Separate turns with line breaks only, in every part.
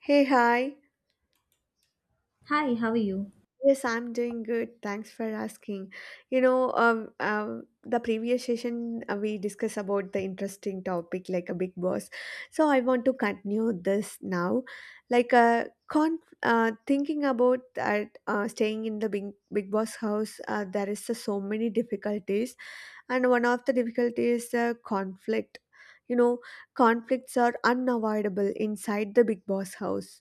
Hey, hi.
Hi, how are you?
Yes, I'm doing good. Thanks for asking. You know, the previous session we discussed about the interesting topic like a big boss. So I want to continue this now. Thinking about that, staying in the big boss house, there is so many difficulties, and one of the difficulties is conflict. You know, conflicts are unavoidable inside the big boss house.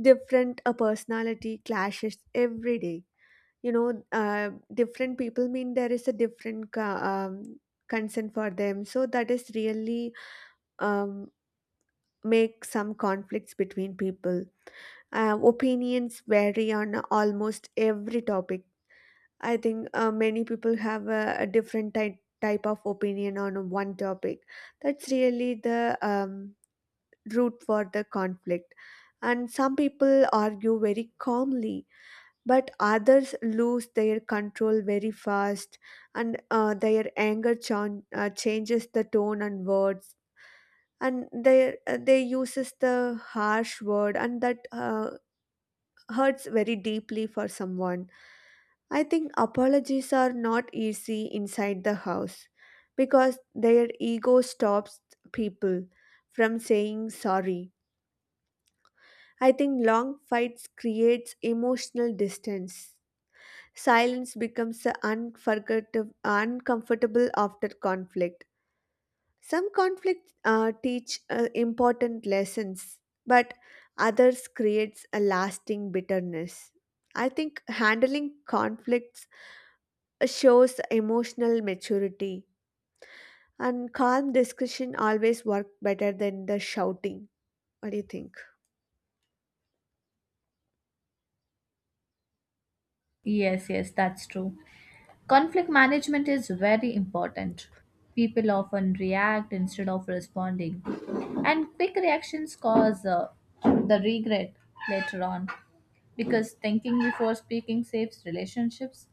Different personality clashes every day. Different people mean there is a different concern for them, so that is really um, make some conflicts between people. Opinions vary on almost every topic. I think many people have a different type of opinion on one topic. That's really the root for the conflict. And some people argue very calmly, but others lose their control very fast, and their changes the tone and words, and they uses the harsh word, and that hurts very deeply for someone. I think apologies are not easy inside the house because their ego stops people from saying sorry. I think long fights creates emotional distance. Silence becomes a unforgettable, uncomfortable after conflict. Some conflicts teach important lessons, but others creates a lasting bitterness. I think handling conflicts shows emotional maturity, and calm discussion always work better than the shouting. What do you think?
Yes, yes, that's true. Conflict management is very important. People often react instead of responding, and quick reactions cause the regret later on because thinking before speaking saves relationships,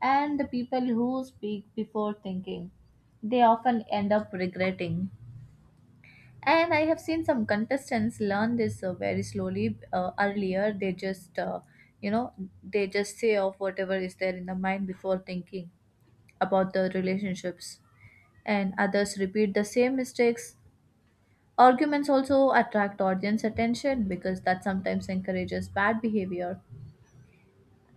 and the people who speak before thinking they often end up regretting. And I have seen some contestants learn this very slowly. Earlier, they just, you know, they just say off whatever is there in the mind before thinking about the relationships. And others repeat the same mistakes. Arguments also attract audience attention because that sometimes encourages bad behavior.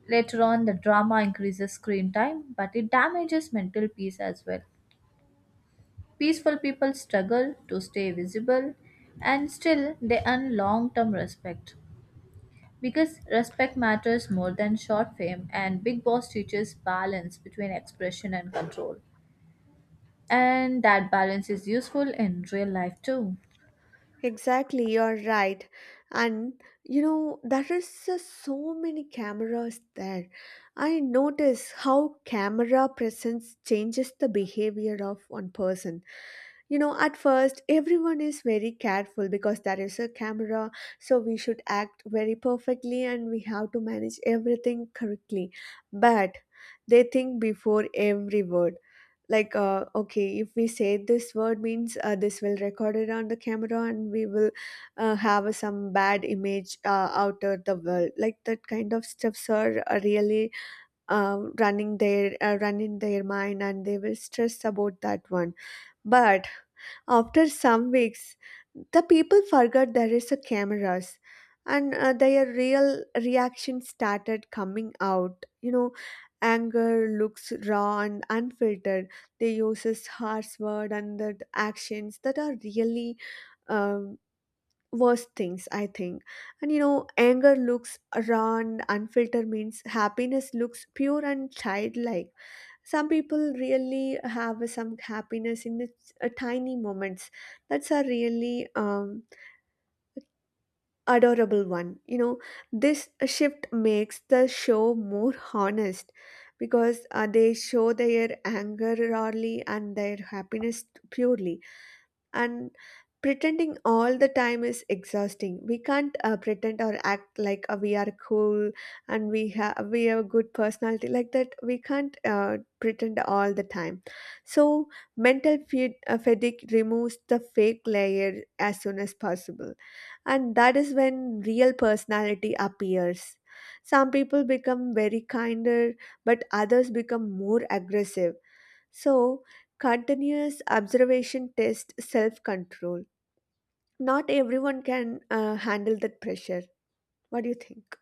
Later on, the drama increases screen time, but it damages mental peace as well. Peaceful people struggle to stay visible and still they earn long term respect. Because respect matters more than short fame, and Big Boss teaches balance between expression and control. And that balance is useful in real life too.
Exactly, you're right. And you know, there is so many cameras there. I notice how camera presence changes the behavior of one person. You know, at first, everyone is very careful because there is a camera, so we should act very perfectly and we have to manage everything correctly. But they think before every word. Okay, if we say this word means this will record it on the camera, and we will have some bad image out of the world. Like that kind of stuffs are really running their mind, and they will stress about that one. But after some weeks, the people forgot there is a cameras, and their real reaction started coming out. You know, anger looks raw and unfiltered. They uses harsh word and the actions that are really um, worst things, I think. And you know, anger looks raw and unfiltered means happiness looks pure and childlike. Some people really have some happiness in the tiny moments. That's a really adorable one, you know. This shift makes the show more honest because they show their anger rarely and their happiness purely. And pretending all the time is exhausting. We can't pretend or act like we are cool, and we have a good personality. Like that, we can't pretend all the time. So fatigue removes the fake layer as soon as possible, and that is when real personality appears. Some people become very kinder, but others become more aggressive. So, continuous observation tests self control. Not everyone can handle that pressure. What do you think?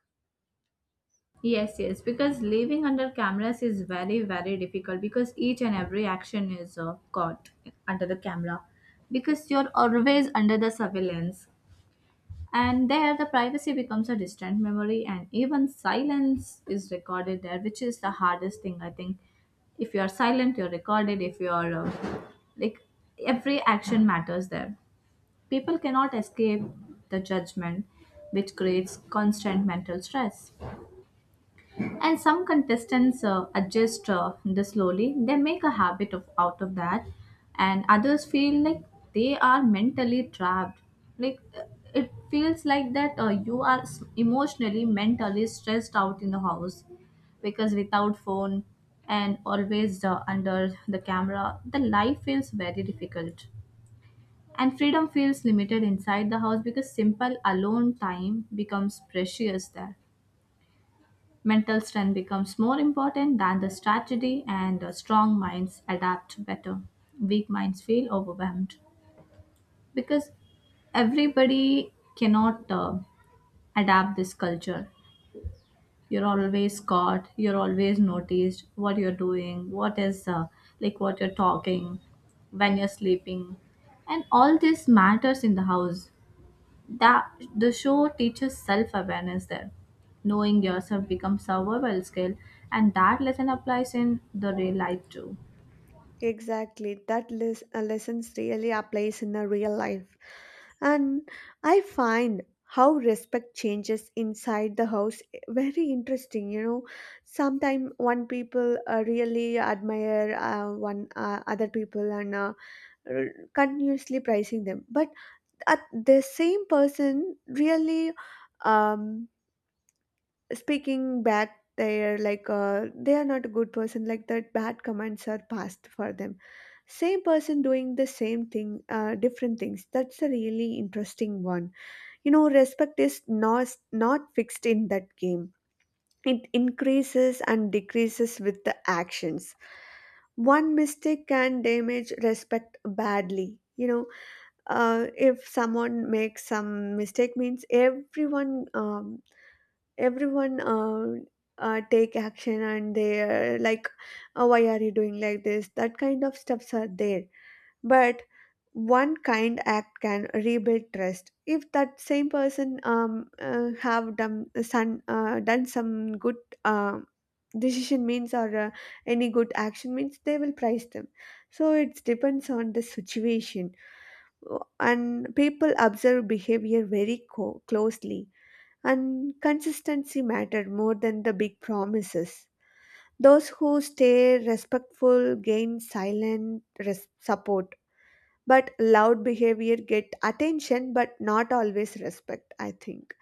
Yes, yes, because living under cameras is very, very difficult because each and every action is caught under the camera because you're always under the surveillance. And there, the privacy becomes a distant memory, and even silence is recorded there, which is the hardest thing, I think. If you are silent, you're recorded. If you are like every action matters there. People cannot escape the judgment, which creates constant mental stress, and some contestants adjust this slowly. They make a habit of out of that, and others feel like they are mentally trapped. like uh, it feels like that you are emotionally mentally stressed out in the house because without phone and always under the camera the life feels very difficult, and freedom feels limited inside the house because simple alone time becomes precious there. Mental strength becomes more important than the strategy, and strong minds adapt better. Weak minds feel overwhelmed because everybody cannot adapt this culture. You're always caught, you're always noticed what you're doing, what is like what you're talking, when you're sleeping, and all this matters in the house, that the show teaches self-awareness there. Knowing yourself becomes survival skill, and that lesson applies in the real life too.
Exactly, that lessons really applies in a real life. And I find how respect changes inside the house, eh, very interesting. You know, sometimes one people really admire one other people, and continuously praising them, but at the same person really um speaking back, they're like they are not a good person. Like that, bad comments are passed for them. Same person doing the same thing different things, that's a really interesting one. You know, respect is not fixed in that game. It increases and decreases with the actions. One mistake can damage respect badly. You know, if someone makes some mistake means everyone take action, and they like, oh, why are you doing like this? That kind of stuffs are there. But one kind act can rebuild trust. If that same person have done some good uh, decision means, or any good action means, they will prize them. So it depends on the situation, and people observe behavior very closely, and consistency mattered more than the big promises. Those who stay respectful gain silent support, but loud behavior get attention but not always respect, I think.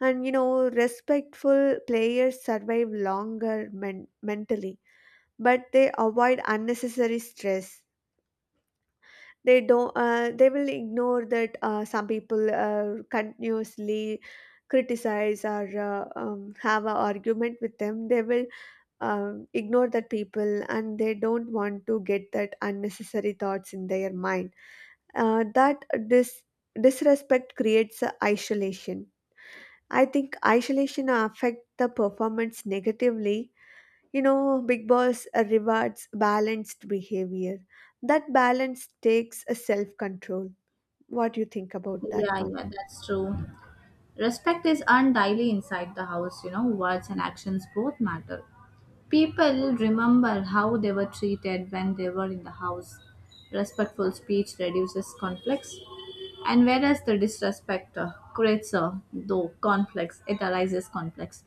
And you know, respectful players survive longer mentally, but they avoid unnecessary stress. They don't, they will ignore that. Some people continuously criticize or have an argument with them, they will ignore that people, and they don't want to get that unnecessary thoughts in their mind. That This disrespect creates a isolation. I think isolation affect the performance negatively. You know, big boss rewards balanced behavior. That balance takes a self control. What do you think about that
Yeah,
one?
yeah, that's true. Respect is earned daily inside the house, you know, words and actions both matter. People remember how they were treated when they were in the house. Respectful speech reduces conflicts, and whereas the disrespect creates, though, conflicts, it arises conflicts.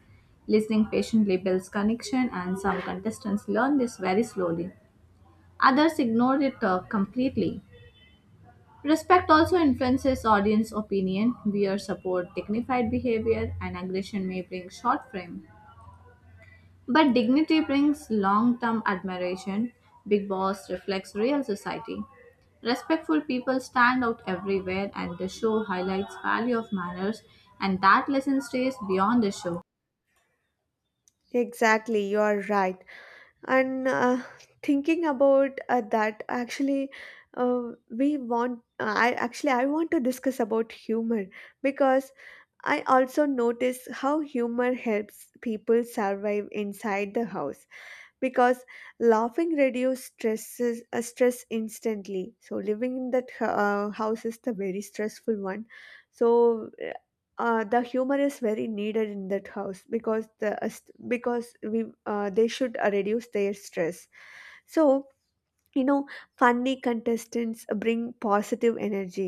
Listening patiently builds connection, and some contestants learn this very slowly. Others ignore it completely. Respect also influences audience opinion. Wear support dignified behavior, and aggression may bring short frame. But dignity brings long term admiration. Big Boss reflects real society. Respectful people stand out everywhere, and the show highlights value of manners, and that lesson stays beyond the show.
Exactly, you are right. And thinking about that, actually, uh, we want. I actually I want to discuss about humor, because I also notice how humor helps people survive inside the house. Because laughing reduces stress instantly. So living in that house is the very stressful one. So the humor is very needed in that house, because because we they should reduce their stress. So you know, funny contestants bring positive energy.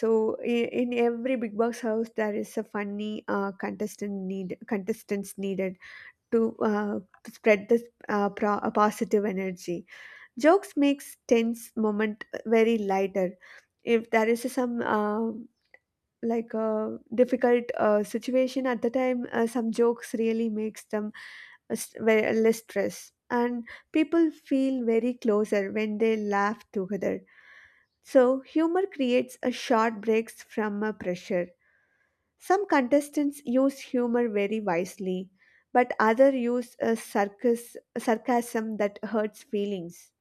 So in every big box house there is a funny contestants needed to spread this positive energy. Jokes makes tense moment very lighter. If there is some like a difficult situation at the time, some jokes really makes them very less stress, and people feel very closer when they laugh together. So humor creates a short breaks from a pressure. Some contestants use humor very wisely, but others use a circus, sarcasm that hurts feelings.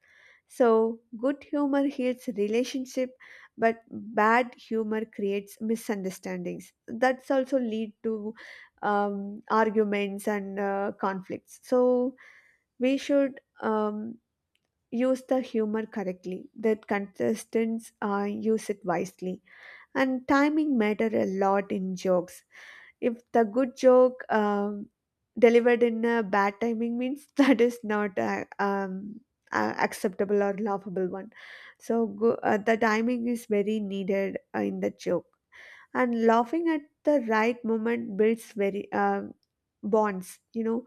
So, good humor heals relationship, but bad humor creates misunderstandings. That's also lead to arguments and conflicts. So, we should use the humor correctly. That contestants use it wisely, and timing matter a lot in jokes. If the good joke delivered in a bad timing means that is not a, a acceptable or laughable one. So the timing is very needed in the joke, and laughing at the right moment builds very bonds. You know,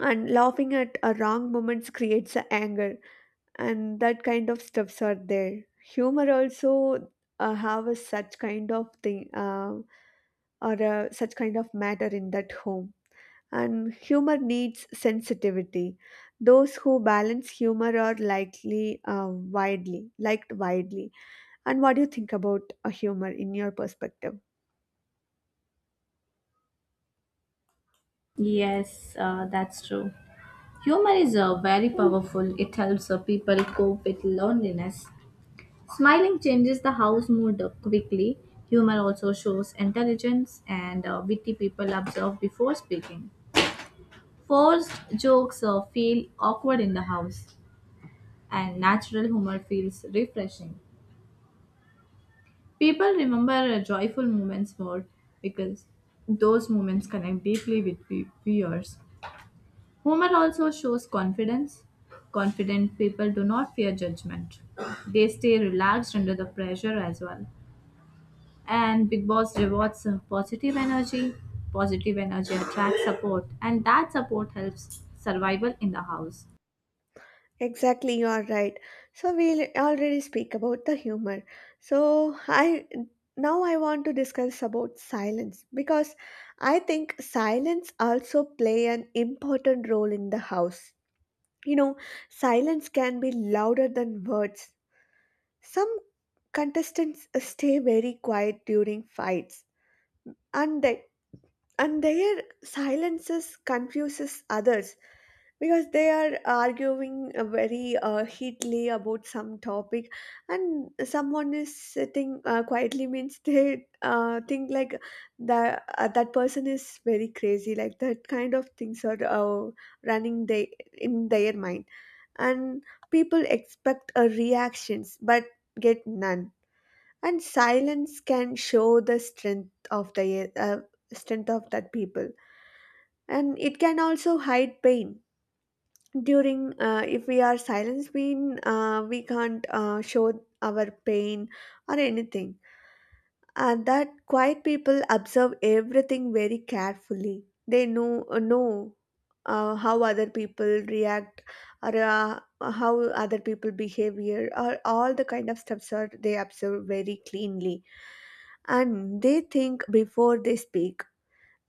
and laughing at a wrong moments creates a anger, and that kind of stuffs are there. Humor also have a such kind of thing. Or such kind of matter in that home. And humor needs sensitivity. Those who balance humor are likely widely liked widely. And what do you think about humor in your perspective?
Yes, that's true. Humor is very powerful. It helps people cope with loneliness. Smiling changes the house mood quickly. Humor also shows intelligence, and witty people observe before speaking. Forced jokes feel awkward in the house, and natural humor feels refreshing. People remember joyful moments more because those moments connect deeply with viewers. Humor also shows confidence. Confident people do not fear judgment, they stay relaxed under the pressure as well. And Big Boss rewards positive energy. Positive energy attracts support, and that support helps survival in the house.
Exactly, you are right. So we already speak about the humor. So I now I want to discuss about silence, because I think silence also play an important role in the house. You know, silence can be louder than words. Some contestants stay very quiet during fights, and they and their silences confuses others, because they are arguing very heatedly about some topic, and someone is sitting quietly means they think like that that person is very crazy. Like that kind of things are running they in their mind. And people expect a reactions but get none. And silence can show the strength of that people. And it can also hide pain. During if we are silenced, we can't show our pain or anything. And that quiet people observe everything very carefully. They know how other people react, or how other people behavior, or all the kind of stuffs are they observe very cleanly. And they think before they speak.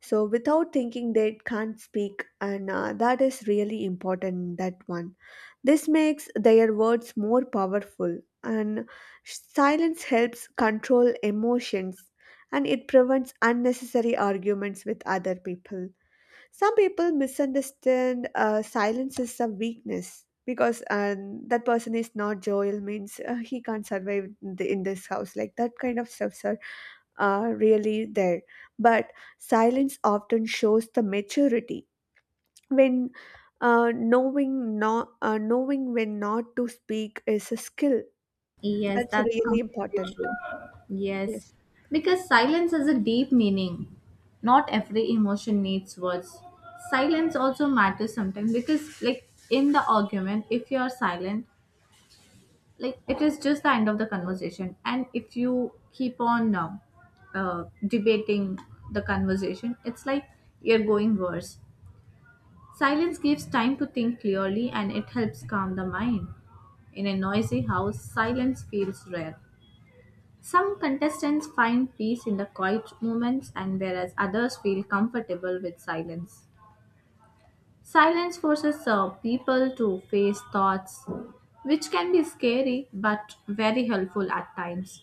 So without thinking they can't speak, and that is really important, that one. This makes their words more powerful, and silence helps control emotions, and it prevents unnecessary arguments with other people. Some people misunderstand silence as a weakness, because that person is not jovial, means he can't survive in, the, in this house. Like that kind of stuffs are really there. But silence often shows the maturity. When knowing when not to speak is a skill,
Yes,
that's
that's
really
completely
important.
true. Yes,
Yes,
because silence has a deep meaning. Not every emotion needs words. Silence also matters sometimes because, like in the argument, if you are silent, like it is just the end of the conversation, and if you keep on debating the conversation it's like you're going worse. Silence gives time to think clearly, and it helps calm the mind. In a noisy house silence feels rare. Some contestants find peace in the quiet moments, and whereas others feel comfortable with silence. Silence forces people to face thoughts, which can be scary but very helpful at times.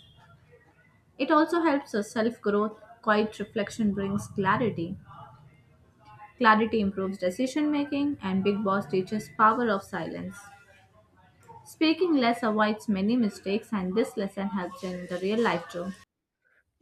It also helps us self growth. Quiet reflection brings clarity. Clarity improves decision making, and Big Boss teaches power of silence. Speaking less avoids many mistakes, and this lesson helps in the real life too.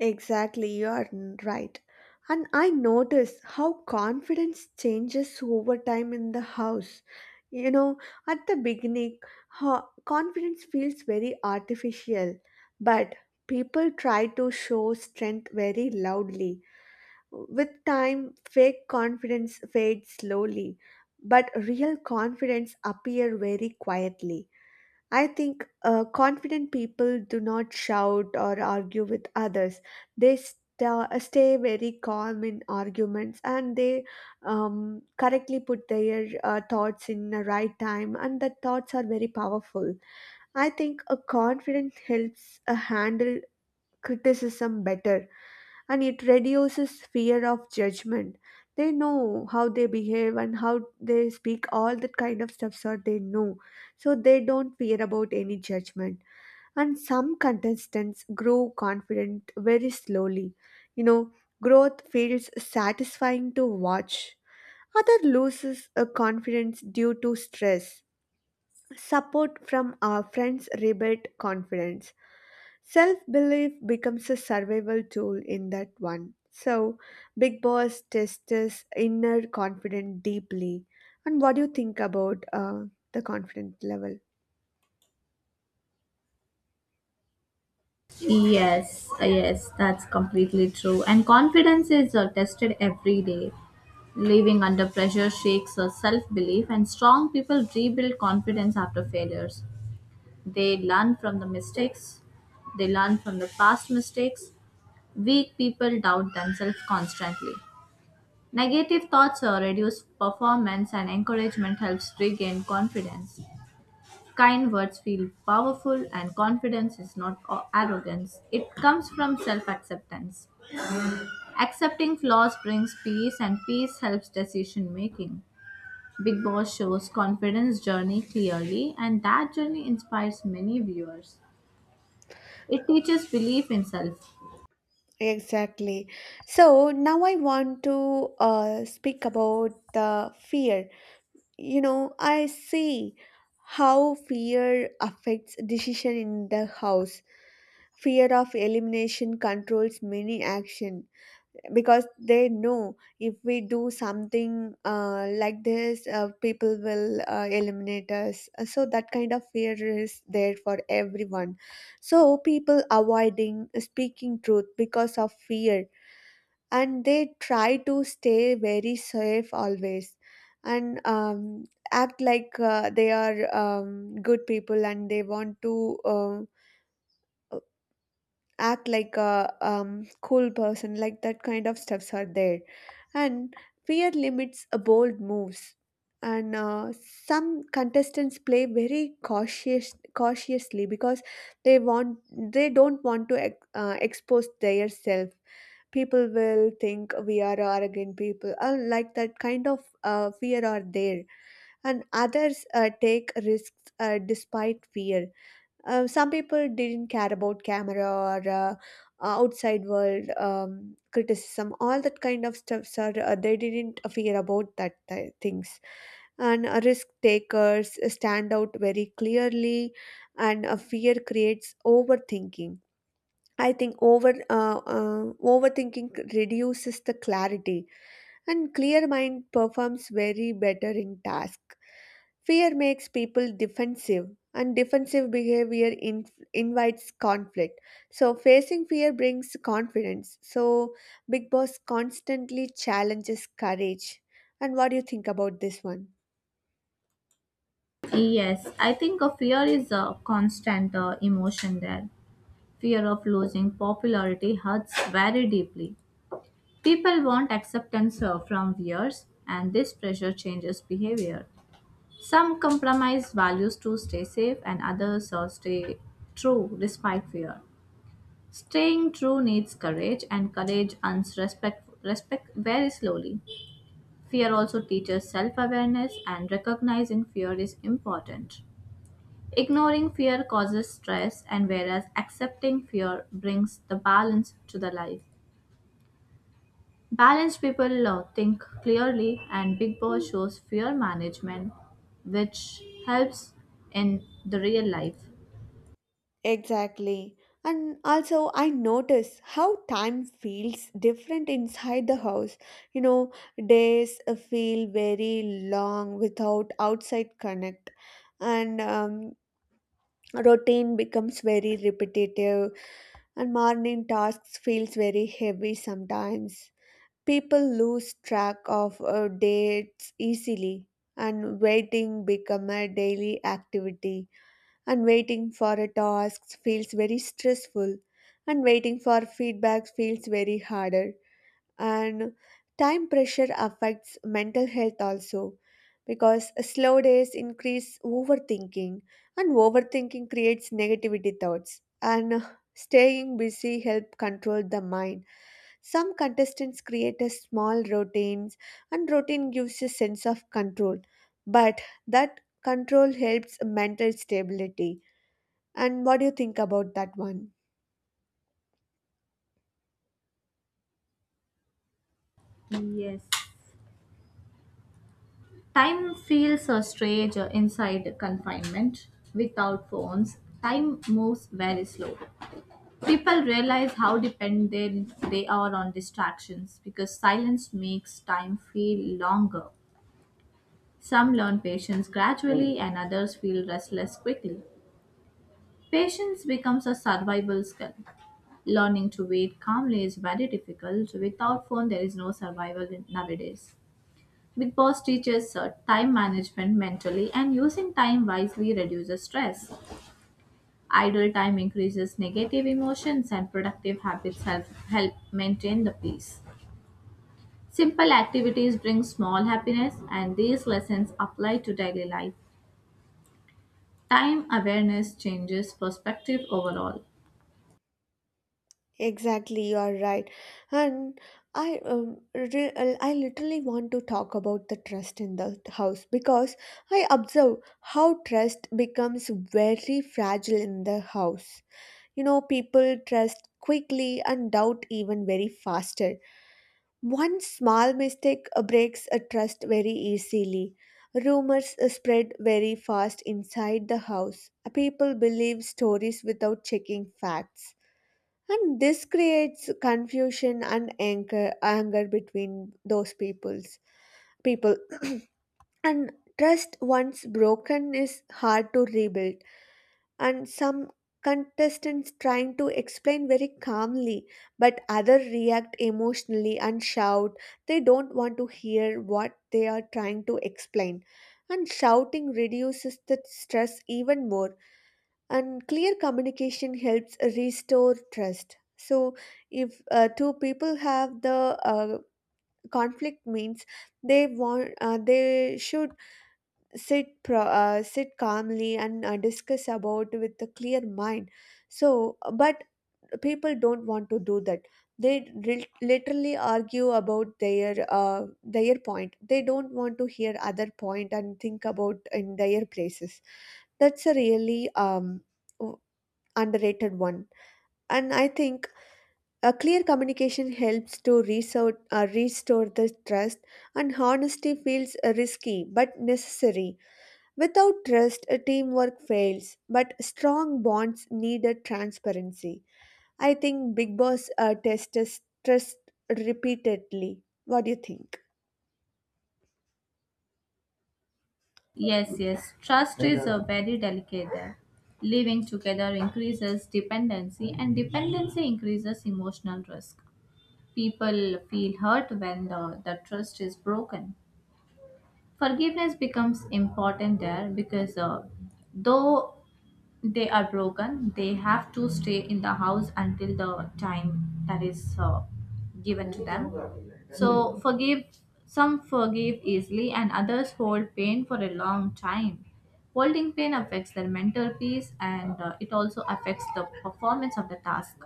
exactly, you are right. And I notice how confidence changes over time in the house. You know, at the beginning, ho- confidence feels very artificial, but people try to show strength very loudly. With time, fake confidence fades slowly, but real confidence appear very quietly. I think confident people do not shout or argue with others. They stay very calm in arguments, and they correctly put their thoughts in the right time, and the thoughts are very powerful. I think a confident helps handle criticism better, and it reduces fear of judgment. They know how they behave and how they speak, all that kind of stuff, so they know, so they don't fear about any judgment. And some contestants grow confident very slowly, you know growth feels satisfying to watch. Other loses a confidence due to stress. Support from our friends rebuild confidence. Self belief becomes a survival tool in that one. So, Big Boss tests his inner confidence deeply. And what do you think about the confidence level?
Yes, yes, that's completely true. And confidence is tested every day. Living under pressure shakes our self belief, and strong people rebuild confidence after failures. They learn from the mistakes, they learn from the past mistakes. Weak people doubt themselves constantly. Negative thoughts reduce performance, and encouragement helps regain confidence. Kind words feel powerful, and confidence is not arrogance, it comes from self acceptance. Accepting flaws brings peace, and peace helps decision making. Big Boss shows confidence journey clearly, and that journey inspires many viewers. It teaches belief in self.
Exactly. So, now I want to speak about the fear. You know, I see how fear affects decision in the house. Fear of elimination controls many action, because they know if we do something like this, people will eliminate us. So that kind of fear is there for everyone, so people avoiding speaking truth because of fear, and they try to stay very safe always, and act like they are good people, and they want to act like a cool person, like that kind of stuffs are there. And fear limits a bold moves, and some contestants play very cautiously, because they want, they don't want to expose their self. People will think we are arrogant people, like that kind of fear are there. And others take risks despite fear. Uh, some people didn't care about camera or outside world criticism, all that kind of stuff. Sir, they didn't fear about things. And risk takers stand out very clearly, and fear creates overthinking. I think overthinking reduces the clarity, and clear mind performs very better in task. Fear makes people defensive, and defensive behavior invites conflict. So facing fear brings confidence. So Big Boss constantly challenges courage. And what do you think about this one?
Yes, I think a fear is a constant emotion there. Fear of losing popularity hurts very deeply. People want acceptance from viewers, and this pressure changes behavior. Some compromise values to stay safe, and others stay true despite fear. Staying true needs courage, and courage earns respect, respect very slowly. Fear also teaches self awareness, and recognizing fear is important. Ignoring fear causes stress, and whereas accepting fear brings the balance to the life. Balanced people think clearly, and Big Boss shows fear management, which helps in the real life.
Exactly. And also, I notice how time feels different inside the house. You know, days feel very long without outside connect, and routine becomes very repetitive, and morning tasks feels very heavy sometimes. People lose track of dates easily, and waiting become a daily activity, and waiting for a task feels very stressful, and waiting for feedback feels very harder, and time pressure affects mental health also, because slow days increase overthinking, and overthinking creates negativity thoughts, and staying busy help control the mind. Some contestants create a small routines, and routine gives a sense of control, but that control helps mental stability. And what do you think about that one?
Yes. Time feels strange inside confinement without phones. Time moves very slow. People realize how dependent they are on distractions because silence makes time feel longer. Some learn patience gradually, and others feel restless quickly. Patience becomes a survival skill. Learning to wait calmly is very difficult. Without phone, there is no survival nowadays. Big Boss teaches time management mentally, and using time wisely reduces stress. Idle time increases negative emotions, and productive habits help maintain the peace. Simple activities bring small happiness, and these lessons apply to daily life. Time awareness changes perspective overall.
Exactly, you are right. And I I literally want to talk about the trust in the house, because I observe how trust becomes very fragile in the house. You know, people trust quickly and doubt even very faster. One small mistake breaks a trust very easily. Rumors spread very fast inside the house. People believe stories without checking facts. And this creates confusion and anger between those peoples, people. And trust once broken is hard to rebuild, and some contestants trying to explain very calmly, but others react emotionally and shout. They don't want to hear what they are trying to explain, and shouting reduces the stress even more, and clear communication helps restore trust. So if two people have the conflict means, they want they should sit calmly and discuss about with a clear mind. So but people don't want to do that. They literally argue about their point, they don't want to hear other point and think about in their places. That's a really w- underrated one. And I think a clear communication helps to restore the trust, and honesty feels risky but necessary. Without trust, a teamwork fails, but strong bonds need a transparency. I think Big Boss tests us trust repeatedly. What do you think?
Yes, yes, trust is a very delicate there. Living together increases dependency, and dependency increases emotional risk. People feel hurt when the trust is broken. Forgiveness becomes important there because though they are broken they have to stay in the house until the time that is given to them. So forgive, some forgive easily, and others hold pain for a long time. Holding pain affects their mental peace, and it also affects the performance of the task.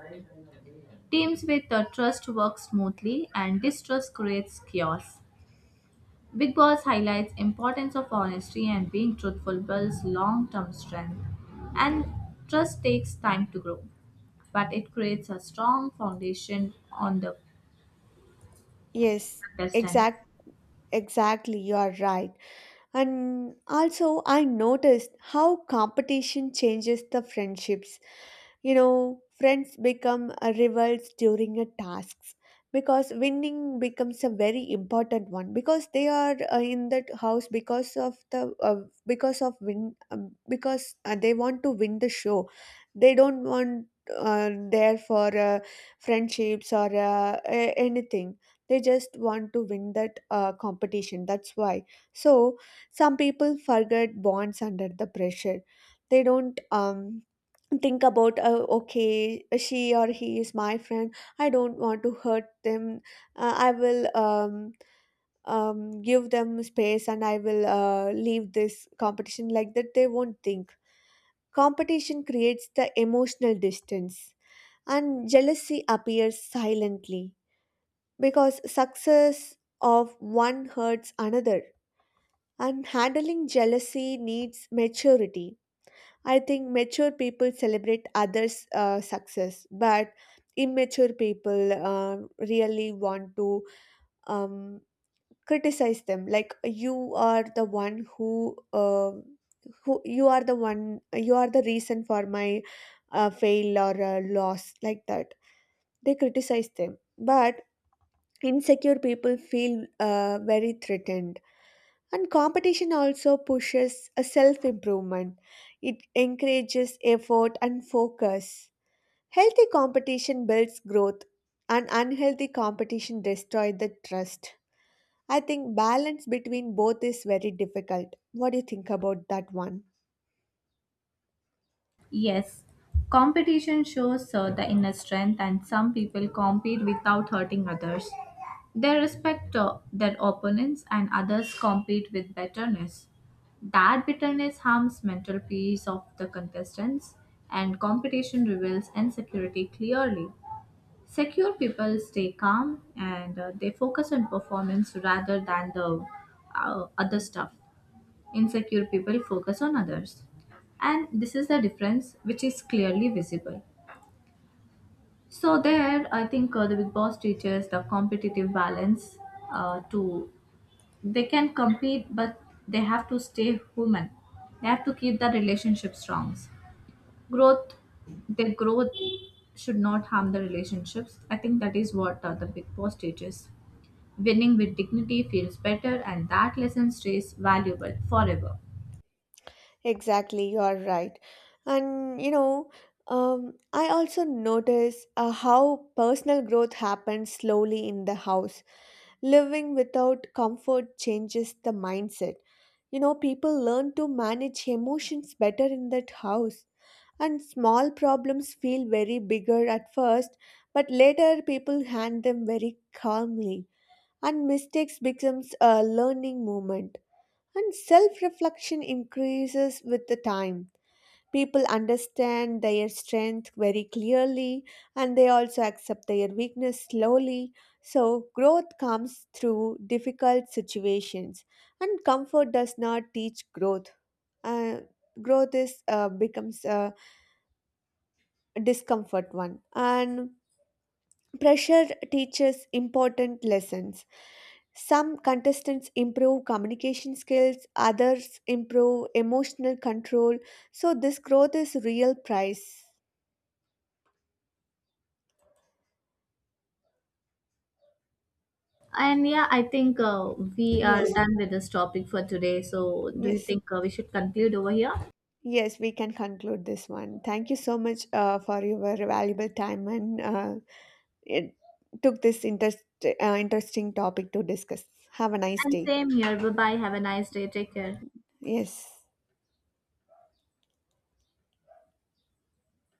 Teams with trust work smoothly, and distrust creates chaos. Big Boss highlights importance of honesty, and being truthful builds long-term strength, and trust takes time to grow, but it creates a strong foundation on the
Yes,
best end.
exact, exactly. You are right. And also, I noticed how competition changes the friendships. You know, friends become rivals during a tasks, because winning becomes a very important one, because they are in that house because of the because of win, because they want to win the show. They don't want there for friendships or anything. They just want to win that competition. That's why. So some people forget bonds under the pressure. They don't think about okay, she or he is my friend, I don't want to hurt them, I will give them space, and I will leave this competition, like that they won't think. Competition creates the emotional distance, and jealousy appears silently, because success of one hurts another, and handling jealousy needs maturity. I think mature people celebrate others' success, but immature people really want to um, criticize them. Like, you are the one who, who, you are the one, you are the reason for my fail or loss. Like that, they criticize them. But insecure people feel very threatened. And competition also pushes a self improvement. It encourages effort and focus. Healthy competition builds growth, and unhealthy competition destroys the trust. I think balance between both is very difficult. What do you think about that one?
Yes, competition shows the inner strength, and some people compete without hurting others. They respect their opponents, and others compete with bitterness. That bitterness harms mental peace of the contestants, and competition reveals insecurity clearly. Secure people stay calm, and they focus on performance rather than the other stuff. Insecure people focus on others. And this is the difference which is clearly visible. So, there, I think the Big Boss teaches the competitive balance to they can compete, but they have to stay human. They have to keep the relationship strong. Growth, their growth should not harm the relationships. I think that is what the Big Boss teaches. Winning with dignity feels better, and that lesson stays valuable forever.
Exactly, you are right. And you know, I also notice how personal growth happens slowly in the house. Living without comfort changes the mindset. You know, people learn to manage emotions better in that house. And small problems feel very bigger at first, but later people hand them very calmly. And mistakes becomes a learning moment. And self-reflection increases with the time. People understand their strength very clearly, and they also accept their weakness slowly. So, growth comes through difficult situations, and comfort does not teach growth. Uh, growth is becomes a discomfort one, and pressure teaches important lessons. Some contestants improve communication skills, others improve emotional control. So, this growth is real price.
And yeah, I think we are
Yes.
done with this topic for today. So, do you
Yes,
think we should conclude over here?
yes, we can conclude this one. Thank you so much for your valuable time, and it took this interesting topic to discuss. Have a nice
And
day.
same here. Bye bye. Have a nice day. Take care.
Yes.